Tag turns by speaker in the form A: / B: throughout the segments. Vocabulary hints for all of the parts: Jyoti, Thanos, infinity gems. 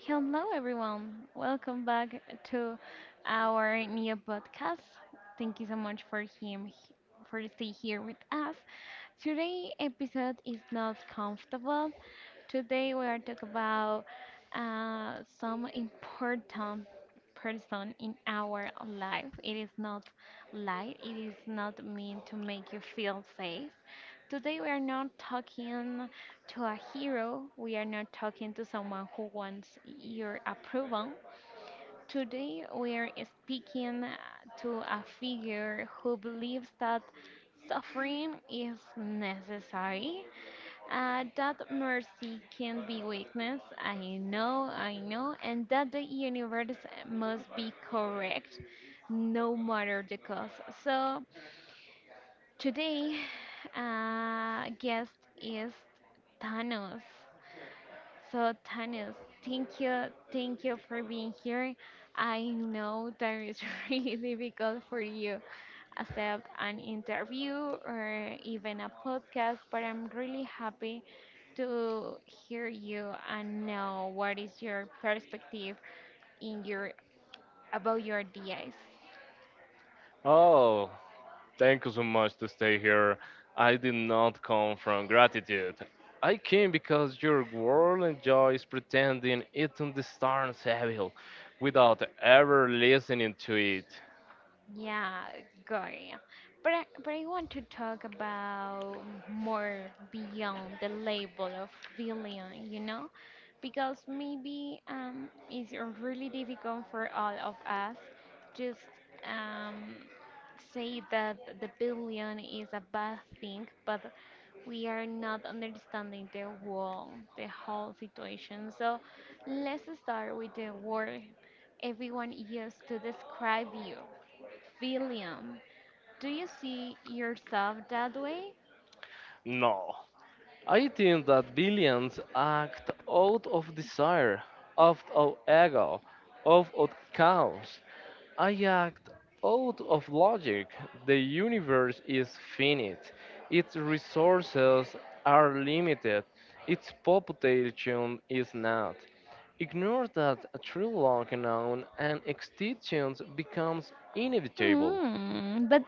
A: Hello, everyone. Welcome back to our new podcast. Thank you so much for him for stay here with us. Today episode is not comfortable. Today we are talking about some important person in our life. It is not light. It is not meant to make you feel safe. Today we are not talking. To a hero, we are not talking to someone who wants your approval. Today, we are speaking to a figure who believes that suffering is necessary, that mercy can be weakness. I know, and that the universe must be correct no matter the cost. So, today, guest is Thanos. So, Tanis, thank you for being here. I know that it's really difficult for you accept an interview or even a podcast, but I'm really happy to hear you and know what is your perspective in your about your ideas.
B: Oh, thank you so much to stay here. I did not come from gratitude. I came because your world enjoys pretending it understands evil without ever listening to it.
A: Yeah, going. But I want to talk about more beyond the label of villain, you know, because maybe it's really difficult for all of us just um say that the billion is a bad thing, but we are not understanding the whole situation. So let's start with the word everyone used to describe you. William, do you see yourself that way?
B: No. I think that billions act out of desire, out of ego, out of chaos. I act out of logic. The universe is finite. Its resources are limited. Its population is not. Ignore that a true law unknown and extinction becomes inevitable.
A: Hmm, but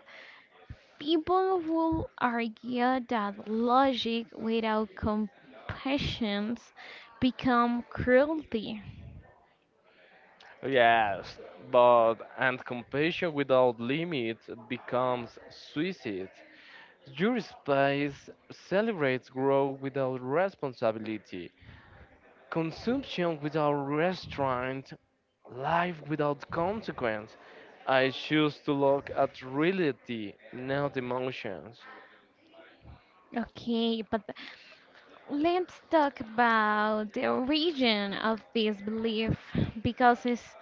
A: people will argue that logic without compassion become cruelty.
B: Yes, but and compassion without limits becomes suicide. Your space celebrates growth without responsibility, consumption without restraint, life without consequence. I choose to look at reality, not emotions.
A: Okay, but let's talk about the origin of this belief because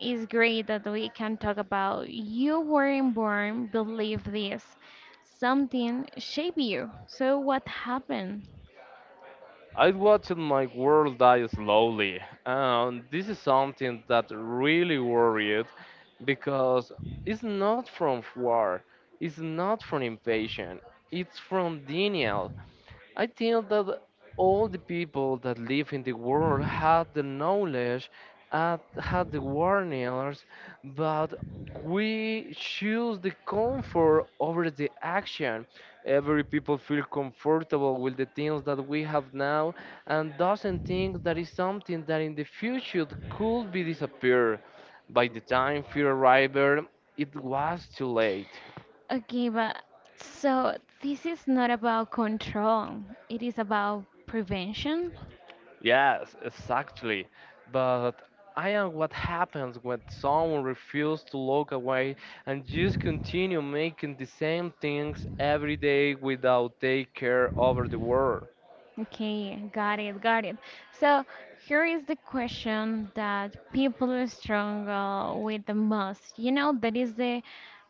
A: it's great that we can talk about you weren't born, believe this. Something shaped you. So what happened?
B: I watched my world die slowly, and this is something that really worried because it's not from war, it's not from invasion, it's from denial. I think that all the people that live in the world had the knowledge and had the warnings, but we choose the comfort over the action. Every people feel comfortable with the things that we have now and doesn't think that is something that in the future could be disappear. By the time fear arrived, it was too late.
A: Okay, but so this is not about control. It is about prevention.
B: Yes, exactly. But I am what happens when someone refuses to look away and just continue making the same things every day without take care over the world.
A: Okay, got it, got it. So here is the question that people struggle with the most. You know, that is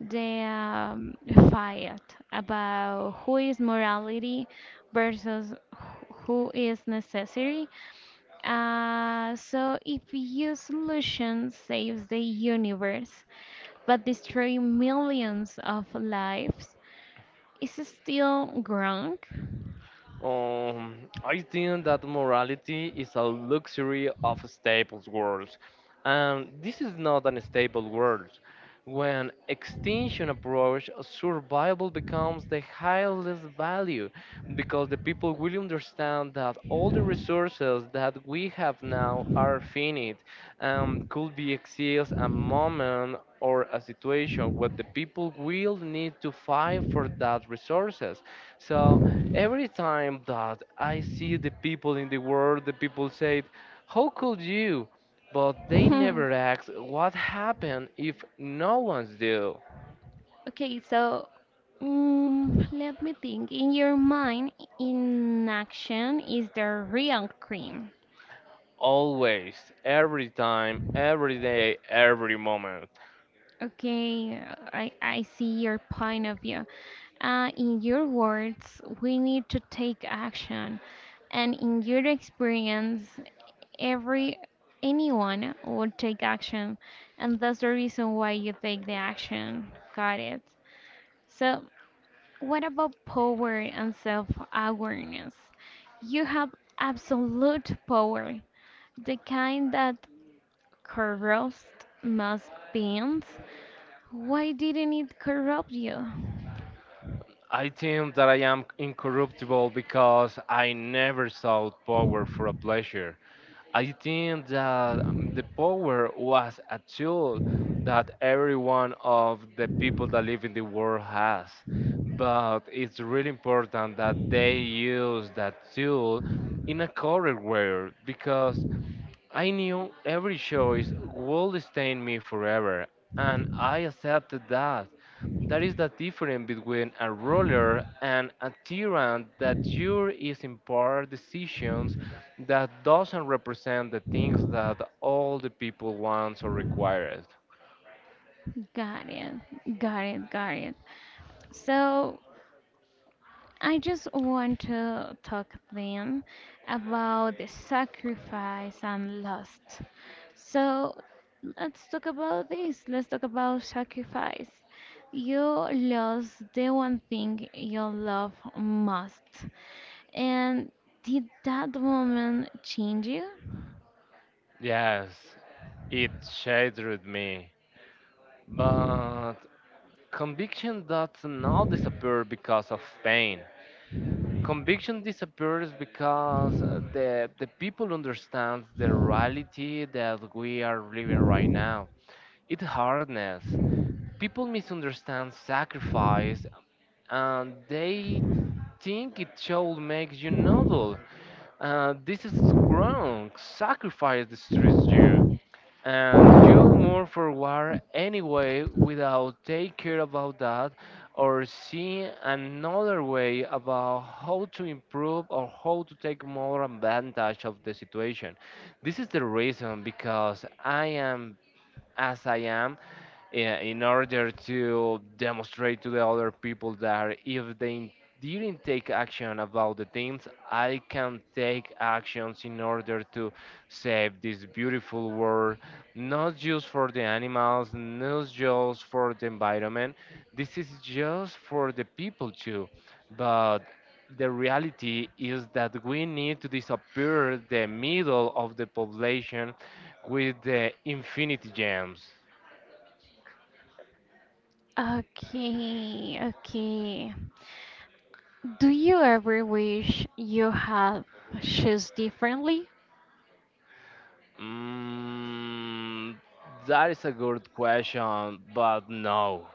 A: the fight about who is morality versus who is necessary. So if your solution saves the universe but destroy millions of lives, is it still wrong?
B: Um, I think that morality is a luxury of staples world, and this is not an stable world. When extinction approach, survival becomes the highest value because the people will understand that all the resources that we have now are finite could be exist a moment or a situation where the people will need to fight for that resources. So every time that I see the people in the world, the people say, "How could you?" But they
A: Hmm.
B: never ask what happened if no one's do.
A: Okay, so mm, let me think. In your mind, in action is the real cream?
B: Always, every time, every day, every moment.
A: Okay, I see your point of view. In your words, we need to take action. And in your experience, every anyone would take action. And that's the reason why you take the action. Got it. So what about power and self-awareness? You have absolute power, the kind that corrupts most beings. Why didn't it corrupt you?
B: I think that I am incorruptible because I never sought power for a pleasure. I think that the power was a tool that every one of the people that live in the world has. But it's really important that they use that tool in a correct way because I knew every choice would stain me forever, and I accepted that. That is the difference between a ruler and a tyrant that your is in part decisions that doesn't represent the things that all the people wants or requires.
A: Got it, got it. So I just want to talk then about the sacrifice and lust. So let's talk about this. Let's talk about sacrifice. You lost the one thing you love most. And did that moment change you?
B: Yes, it shattered me. But conviction does not disappear because of pain. Conviction disappears because the people understand the reality that we are living right now. It's hardness. People misunderstand sacrifice and they think it should make you noble. This is wrong. Sacrifice destroys you and you move forward anyway without take care about that or see another way about how to improve or how to take more advantage of the situation. This is the reason because I am as I am i- in order to demonstrate to the other people that if they didn't take action about the things, I can take actions in order to save this beautiful world, not just for the animals, not just for the environment. This is just for the people too. But the reality is that we need to disappear the middle of the population with the infinity gems.
A: Okay. Do you ever wish you had shoes differently?
B: Mm, that is a good question, but no.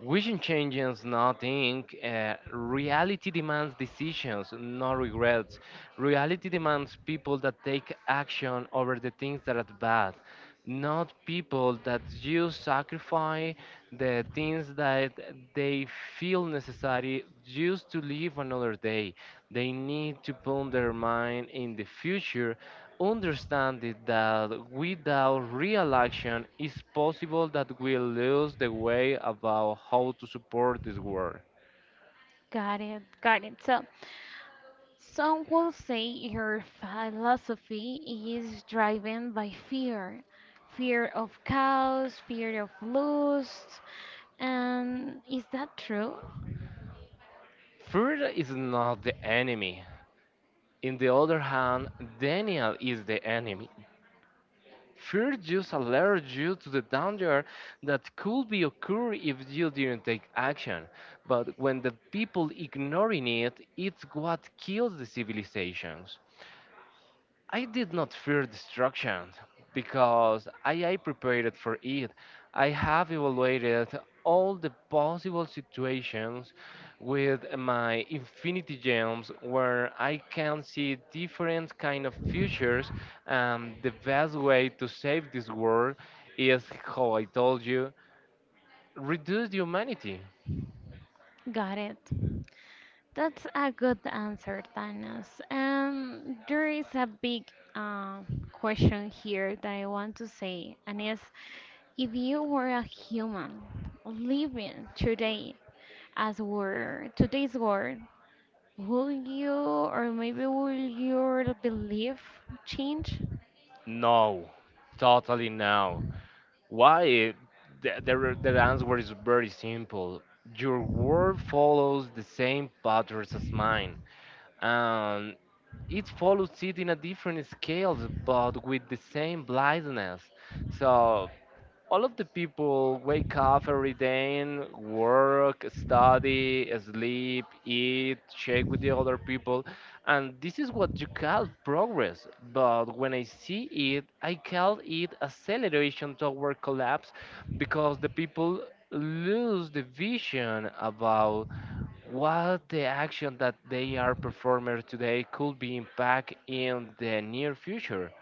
B: Vision changes nothing. Reality demands decisions, not regrets. Reality demands people that take action over the things that are bad, not people that just sacrifice the things that they feel necessary just to live another day. They need to put their mind in the future understanding that without real action, it's possible that we lose the way about how to support this world.
A: Got it. So some will say her philosophy is driven by fear of chaos, fear of lust. And is that true?
B: Fear is not the enemy. In the other hand, Daniel is the enemy. Fear just alerts you to the danger that could be occur if you didn't take action. But when the people ignoring it, it's what kills the civilizations. I did not fear destruction because I prepared for it. I have evaluated all the possible situations with my infinity gems where I can see different kind of futures and the best way to save this world is how I told you reduce the humanity.
A: Got it. That's a good answer, Thanos. And there is a big uh, question here that I want to say, and is if you were a human living today, as were today's world, will you or maybe will your belief change?
B: No, totally no. Why? The answer is very simple. Your world follows the same patterns as mine, and it follows it in a different scales, but with the same blindness. So all of the people wake up every day and work, study, sleep, eat, check with the other people. And this is what you call progress. But when I see it, I call it acceleration toward collapse because the people lose the vision about what the action that they are performing today could be impact in the near future.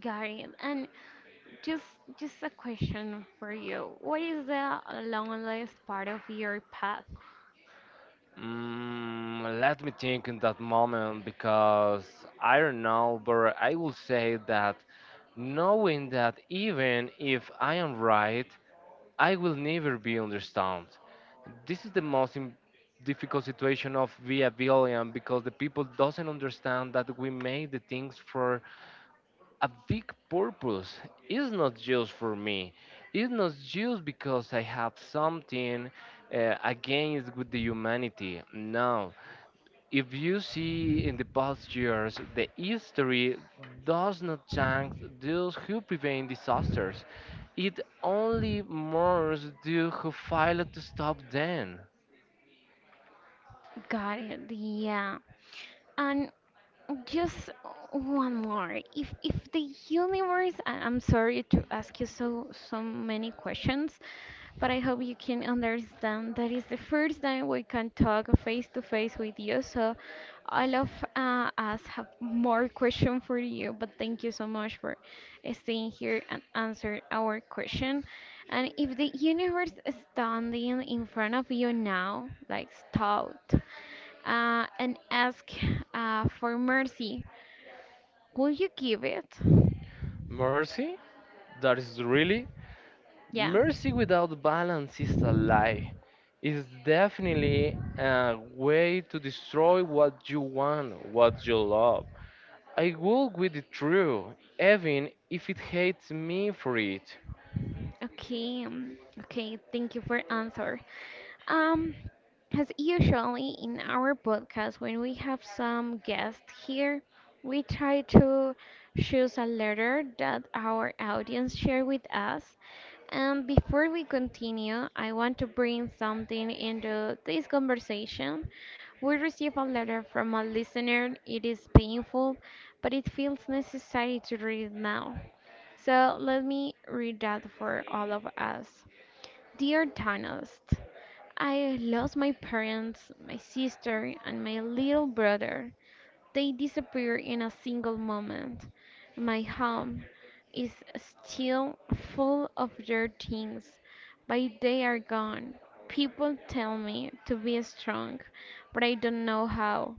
A: Got it. And just just a question for you. What is the loneliest part of your path?
B: Let me think in that moment because I don't know, but I will say that knowing that even if I am right, I will never be understood. This is the most difficult situation of Via Billion because the people doesn't understand that we make the things for a big purpose. It's not just for me. It's not just because I have something against with the humanity. No, if you see in the past years, the history does not thank those who prevent disasters. It only mourns those who failed to stop them.
A: Got it. Yeah. And just one more. If the universe, I'm sorry to ask you so so many questions, but I hope you can understand that is the first time we can talk face to face with you. So all of us have more questions for you. But thank you so much for staying here and answer our question. And if the universe is standing in front of you now, like stout, and ask for mercy, will you give it?
B: Mercy? That is really?
A: Yeah.
B: Mercy without balance is a lie. It's definitely a way to destroy what you want, what you love. I walk with the truth, even if it hates me for it.
A: Okay, okay, thank you for answer. Um, as usually in our podcast, when we have some guests here, we try to choose a letter that our audience share with us. And before we continue, I want to bring something into this conversation. We received a letter from a listener. It is painful, but it feels necessary to read now. So let me read that for all of us. Dear Thanos, I lost my parents, my sister, and my little brother. They disappeared in a single moment. My home is still full of their things, but they are gone. People tell me to be strong, but I don't know how.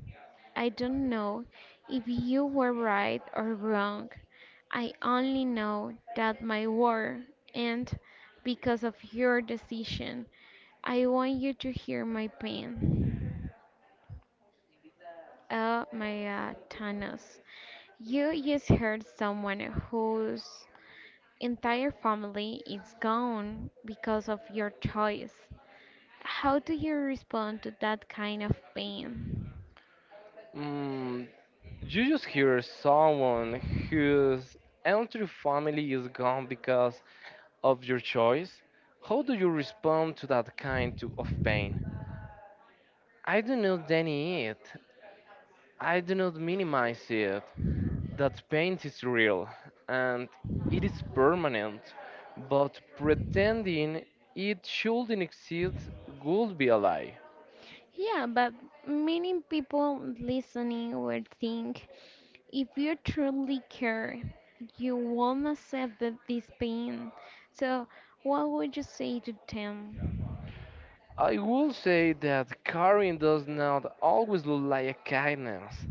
A: I don't know if you were right or wrong. I only know that my war ended because of your decision. I want you to hear my pain. Oh my god, Thanos. You just hurt someone whose entire family is gone because of your choice. How do you respond to that kind of pain?
B: Mm, You just hear someone whose entire family is gone because of your choice. How do you respond to that kind of pain? I do not deny it. I do not minimize it. That pain is real and it is permanent. But pretending it shouldn't exist would be a lie.
A: Yeah, but many people listening would think if you truly care, you won't accept that this pain. So, what would you say to them?
B: I will say that caring does not always look like a kindness.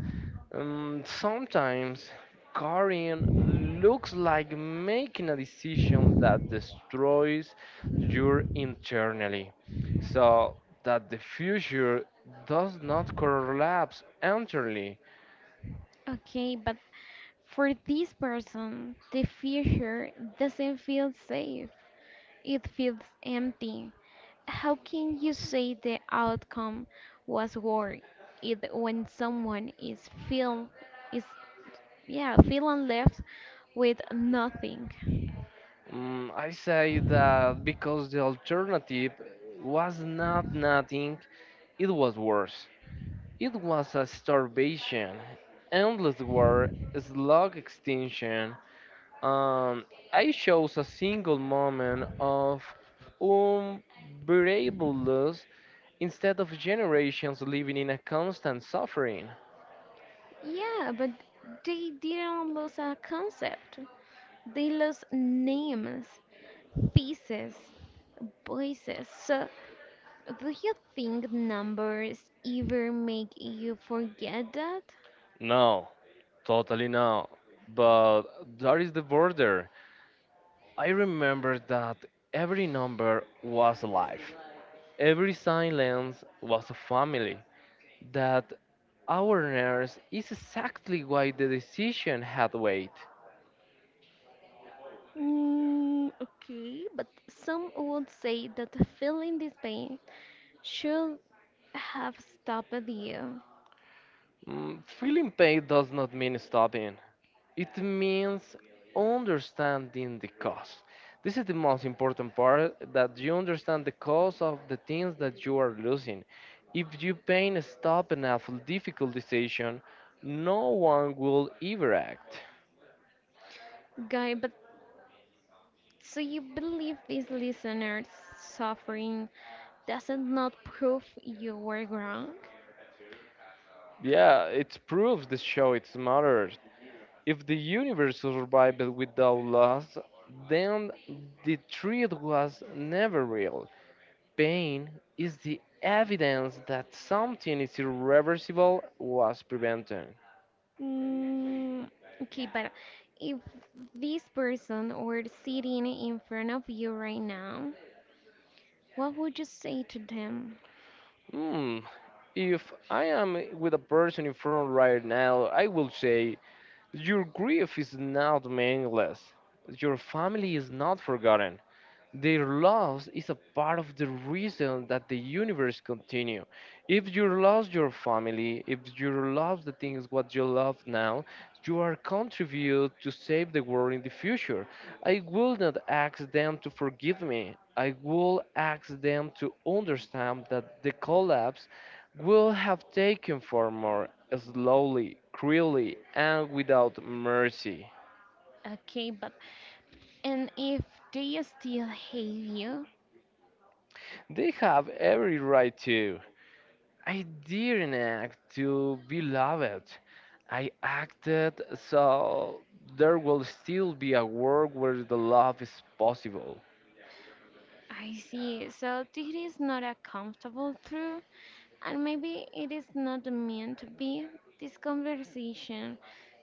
B: Sometimes carrying looks like making a decision that destroys your internally, so that the future does not collapse entirely.
A: Okay, but for this person, the future doesn't feel safe. It feels empty. How can you say the outcome was worth it when someone is feel is yeah, feeling left with nothing?
B: I say that because the alternative was not nothing, it was worse. It was a starvation, endless war, slug extinction. Um, I chose a single moment of unbearable loss instead of generations living in a constant suffering.
A: Yeah, but they didn't lose a concept. They lost names, faces, voices. So do you think numbers ever make you forget that?
B: No, totally no. But that is the border. I remember that every number was alive, every silence was a family. That awareness is exactly why the decision had weight.
A: Mm, okay, but some would say that feeling this pain should have stopped you.
B: Feeling pain does not mean stopping. It means understanding the cost. This is the most important part that you understand the cost of the things that you are losing. If you pain stop an awful difficult decision, no one will ever act.
A: Guy, but so you believe this listener's suffering doesn't not prove you were wrong?
B: Yeah, it proves the show it matters. If the universe survived without loss, then the truth was never real. Pain is the evidence that something is irreversible was prevented.
A: Mm, okay, but if this person were sitting in front of you right now, what would you say to them?
B: Hmm, if I am with a person in front right now, I will say, "Your grief is not meaningless. Your family is not forgotten. Their loss is a part of the reason that the universe continue. If you lost your family, if you lost the things what you love now, you are contribute to save the world in the future. I will not ask them to forgive me. I will ask them to understand that the collapse will have taken far more slowly, cruelly, and without mercy."
A: Okay, but and if they still hate you,
B: They have every right to. I didn't act to be loved. I acted so there will still be a world where the love is possible.
A: I see. So it is not a comfortable truth, and maybe it is not meant to be. This conversation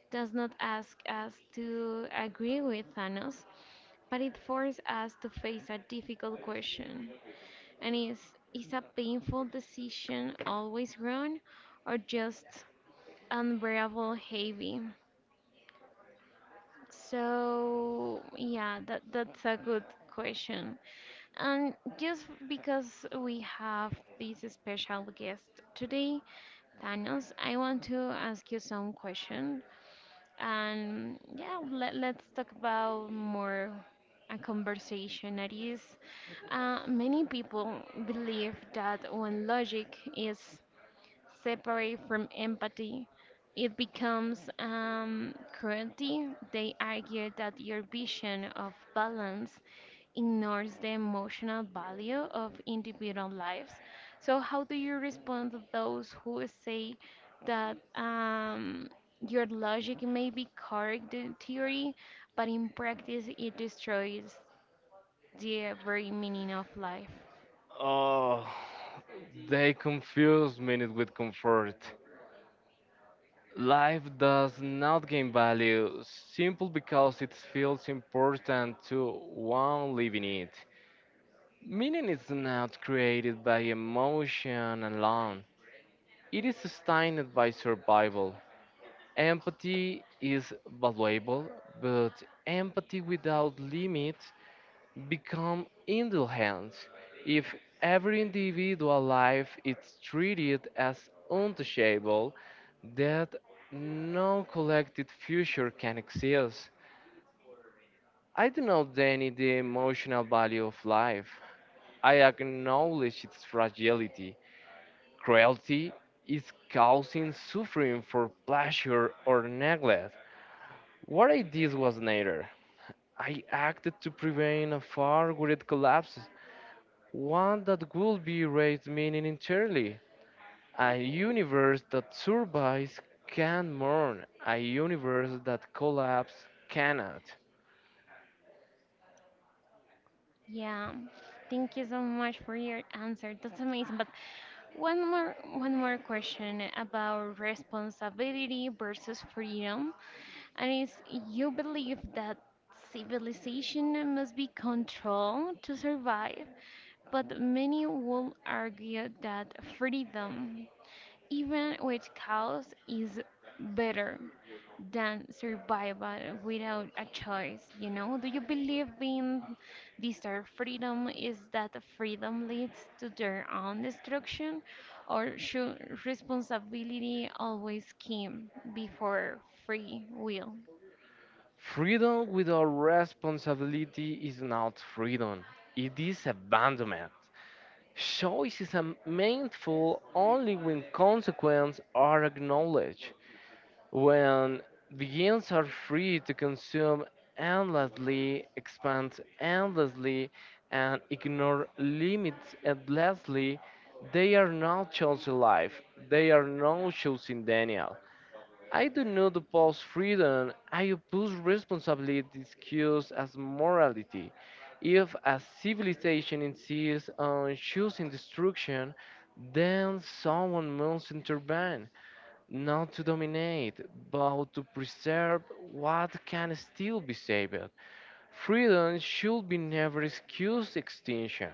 A: does not ask us to agree with Thanos, but it forces us to face a difficult question. And is a painful decision always wrong, or just unbearable heavy? So yeah, that's a good question. And just because we have this special guest today, Thanos, I want to ask you some question. And yeah, let's talk about more a conversation that is. Many people believe that when logic is separate from empathy. It becomes cruelty. They argue that your vision of balance ignores the emotional value of individual lives. So, how do you respond to those who say that your logic may be correct in theory, but in practice it destroys the very meaning of life?
B: Oh, they confuse meaning with comfort. Life does not gain value simply because it feels important to one living it. Meaning is not created by emotion alone, it is sustained by survival. Empathy is valuable, but empathy without limit become indulgence. If every individual life is treated as untouchable, that no collected future can exist. I do not deny the emotional value of life. I acknowledge its fragility. Cruelty is causing suffering for pleasure or neglect. What I did was neither. I acted to prevent a far greater collapse, one that would be erased meaning entirely. A universe that survives can mourn, a universe that collapse cannot.
A: Yeah. Thank you so much for your answer. That's amazing. But One more question about responsibility versus freedom, and is you believe that civilization must be controlled to survive, but many will argue that freedom even with chaos is better than survival without a choice, you know. Do you believe in desired freedom is that freedom leads to their own destruction, or should responsibility always come before free will?
B: Freedom without responsibility is not freedom, it is abandonment. Choice is a mindful only when consequences are acknowledged. When beings are free to consume endlessly, expand endlessly, and ignore limits endlessly, they are not choosing life. They are not choosing Daniel. I do not oppose freedom. I oppose responsibly discussed as morality. If a civilization insists on choosing destruction, then someone must intervene not to dominate, but to preserve what can still be saved. Freedom should be never excused extinction.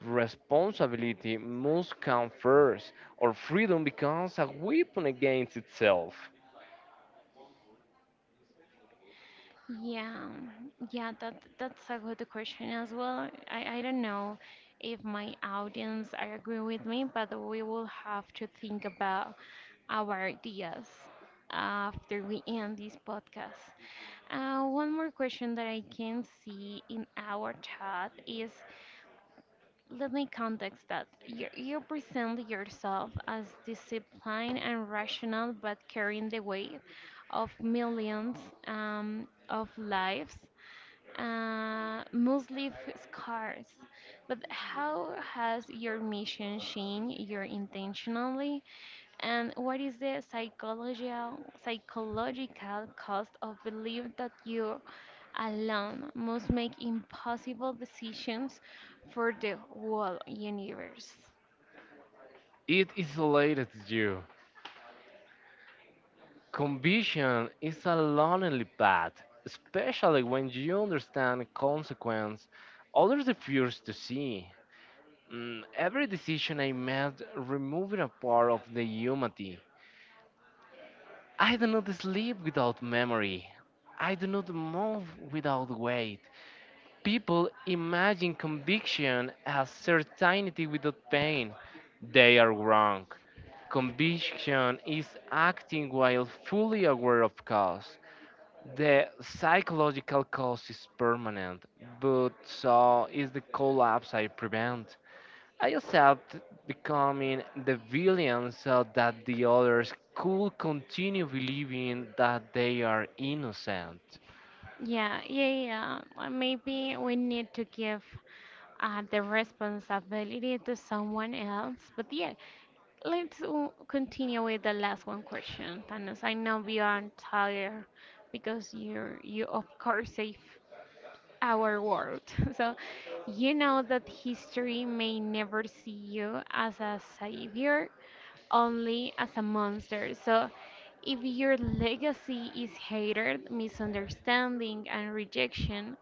B: Responsibility must come first, or freedom becomes a weapon against itself.
A: Yeah, yeah, that that's a good question as well. I don't know if my audience are agree with me, but we will have to think about our ideas after we end this podcast. One more question that I can see in our chat is let me context that. You present yourself as disciplined and rational, but carrying the weight of millions of lives mostly scars. But how has your mission changed your intentionally? And what is the psychological cost of belief that you alone must make impossible decisions for the whole universe?
B: It isolates you. Conviction is a lonely path, especially when you understand consequence others refuse to see. Every decision I made removed a part of the humanity. I do not sleep without memory. I do not move without weight. People imagine conviction as certainty without pain. They are wrong. Conviction is acting while fully aware of cause. The psychological cause is permanent, but so is the collapse I prevent. I accept becoming the villain so that the others could continue believing that they are innocent.
A: Yeah, Or maybe we need to give the responsibility to someone else. But yeah, continue with the last one question, Thanos. I know you are tired because you of course safe our world. So you know that history may never see you as a savior, only as a monster. So if your legacy is hatred, misunderstanding, and rejection,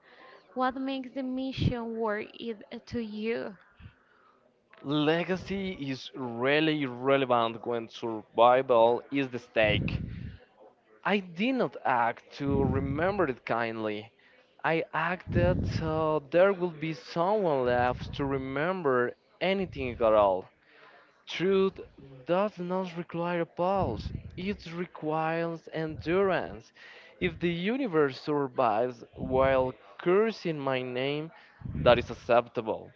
A: what makes the mission worth it to you?
B: Legacy is really relevant when survival is the stake. I did not act to remember it kindly. I acted so there would be someone left to remember anything at all. Truth does not require pulse, it requires endurance. If the universe survives while cursing my name, that is acceptable.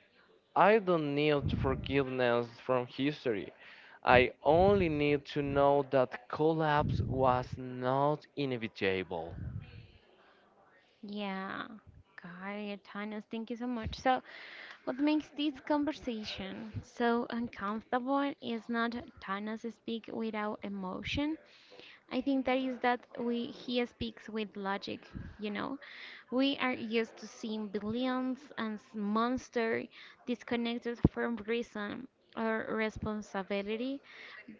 B: I don't need forgiveness from history. I only need to know that collapse was not inevitable.
A: Yeah, Got Tanya, thank you so much. So, what makes this conversation so uncomfortable is not Tana's speak without emotion I think that is that we he speaks with logic, you know. We are used to seeing billions and monster disconnected from reason or responsibility,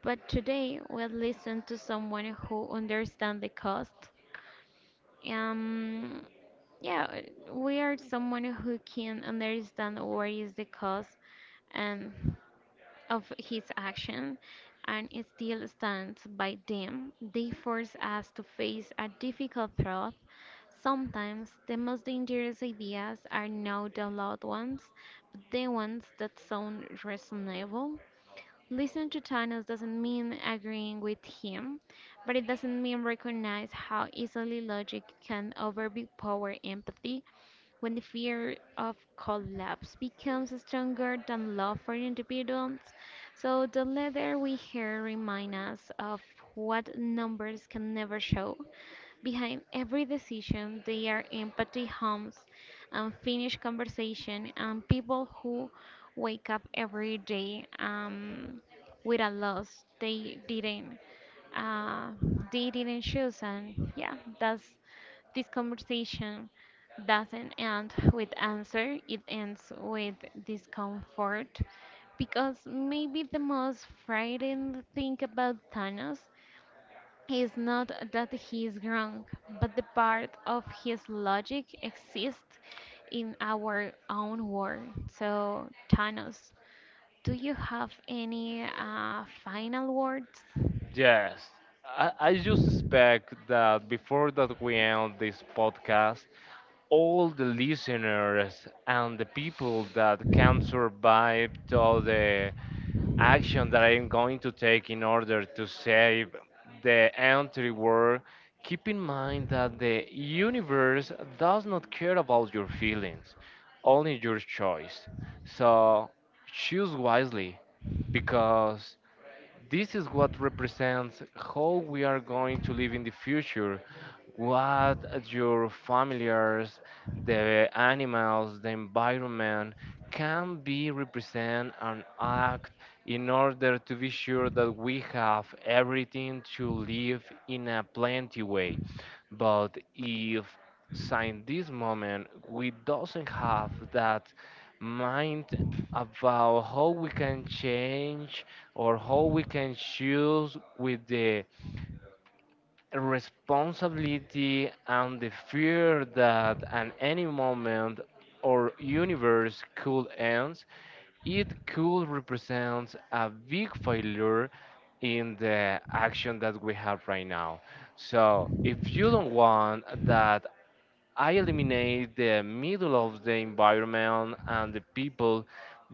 A: but today we'll listen to someone who understands the cost. Um, yeah, we are someone who can understand what is the cost and of his action and still stands by them. They force us to face a difficult truth. Sometimes the most dangerous ideas are not the loud ones, but the ones that sound reasonable. Listen to Thanos doesn't mean agreeing with him, but it doesn't mean recognize how easily logic can overpower empathy when the fear of collapse becomes stronger than love for individuals, so the letter we hear remind us of what numbers can never show. Behind every decision, there are empty homes, unfinished conversation, and people who wake up every day with a loss uh, they didn't choose. And yeah, that's this conversation doesn't end with answer, it ends with discomfort. Because maybe the most frightening thing about Thanos is not that he's wrong, but the part of his logic exists in our own world. So, Thanos, do you have any final words?
B: Yes, I just expect that before that we end this podcast, all the listeners and the people that can survive to the action that I am going to take in order to save the entire world, keep in mind that the universe does not care about your feelings, only your choice. So choose wisely because this is what represents how we are going to live in the future. What your familiars, the animals, the environment can be represent and act in order to be sure that we have everything to live in a plenty way. But if since this moment we doesn't have that mind about how we can change or how we can choose with the responsibility and the fear that at any moment our universe could end, it could represent a big failure in the action that we have right now. So if you don't want that I eliminate the middle of the environment and the people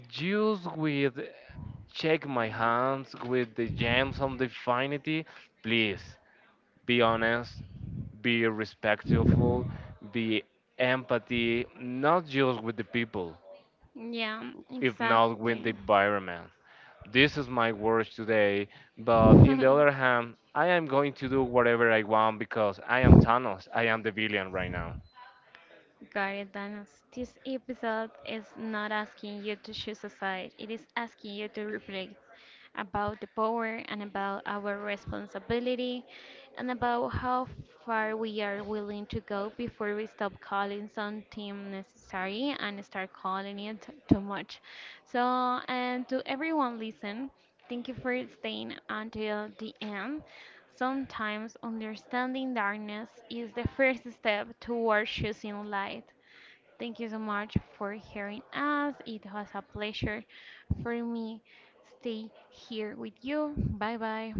B: just with check my hands with the gems of the divinity, please be honest, be respectful, be empathy, not just with the people,
A: Yeah,
B: if not with the
A: exactly.
B: environment. This is my words today, but in the other hand, I am going to do whatever I want because I am Thanos. I am the villain right now.
A: Guardian Thanos, this episode is not asking you to choose a side, it is asking you to reflect about the power and about our responsibility and about how far we are willing to go before we stop calling something necessary and start calling it too much. So, and to everyone listen, thank you for staying until the end. Sometimes understanding darkness is the first step toward choosing light. Thank you so much for hearing us. It was a pleasure for me stay here with you. Bye bye.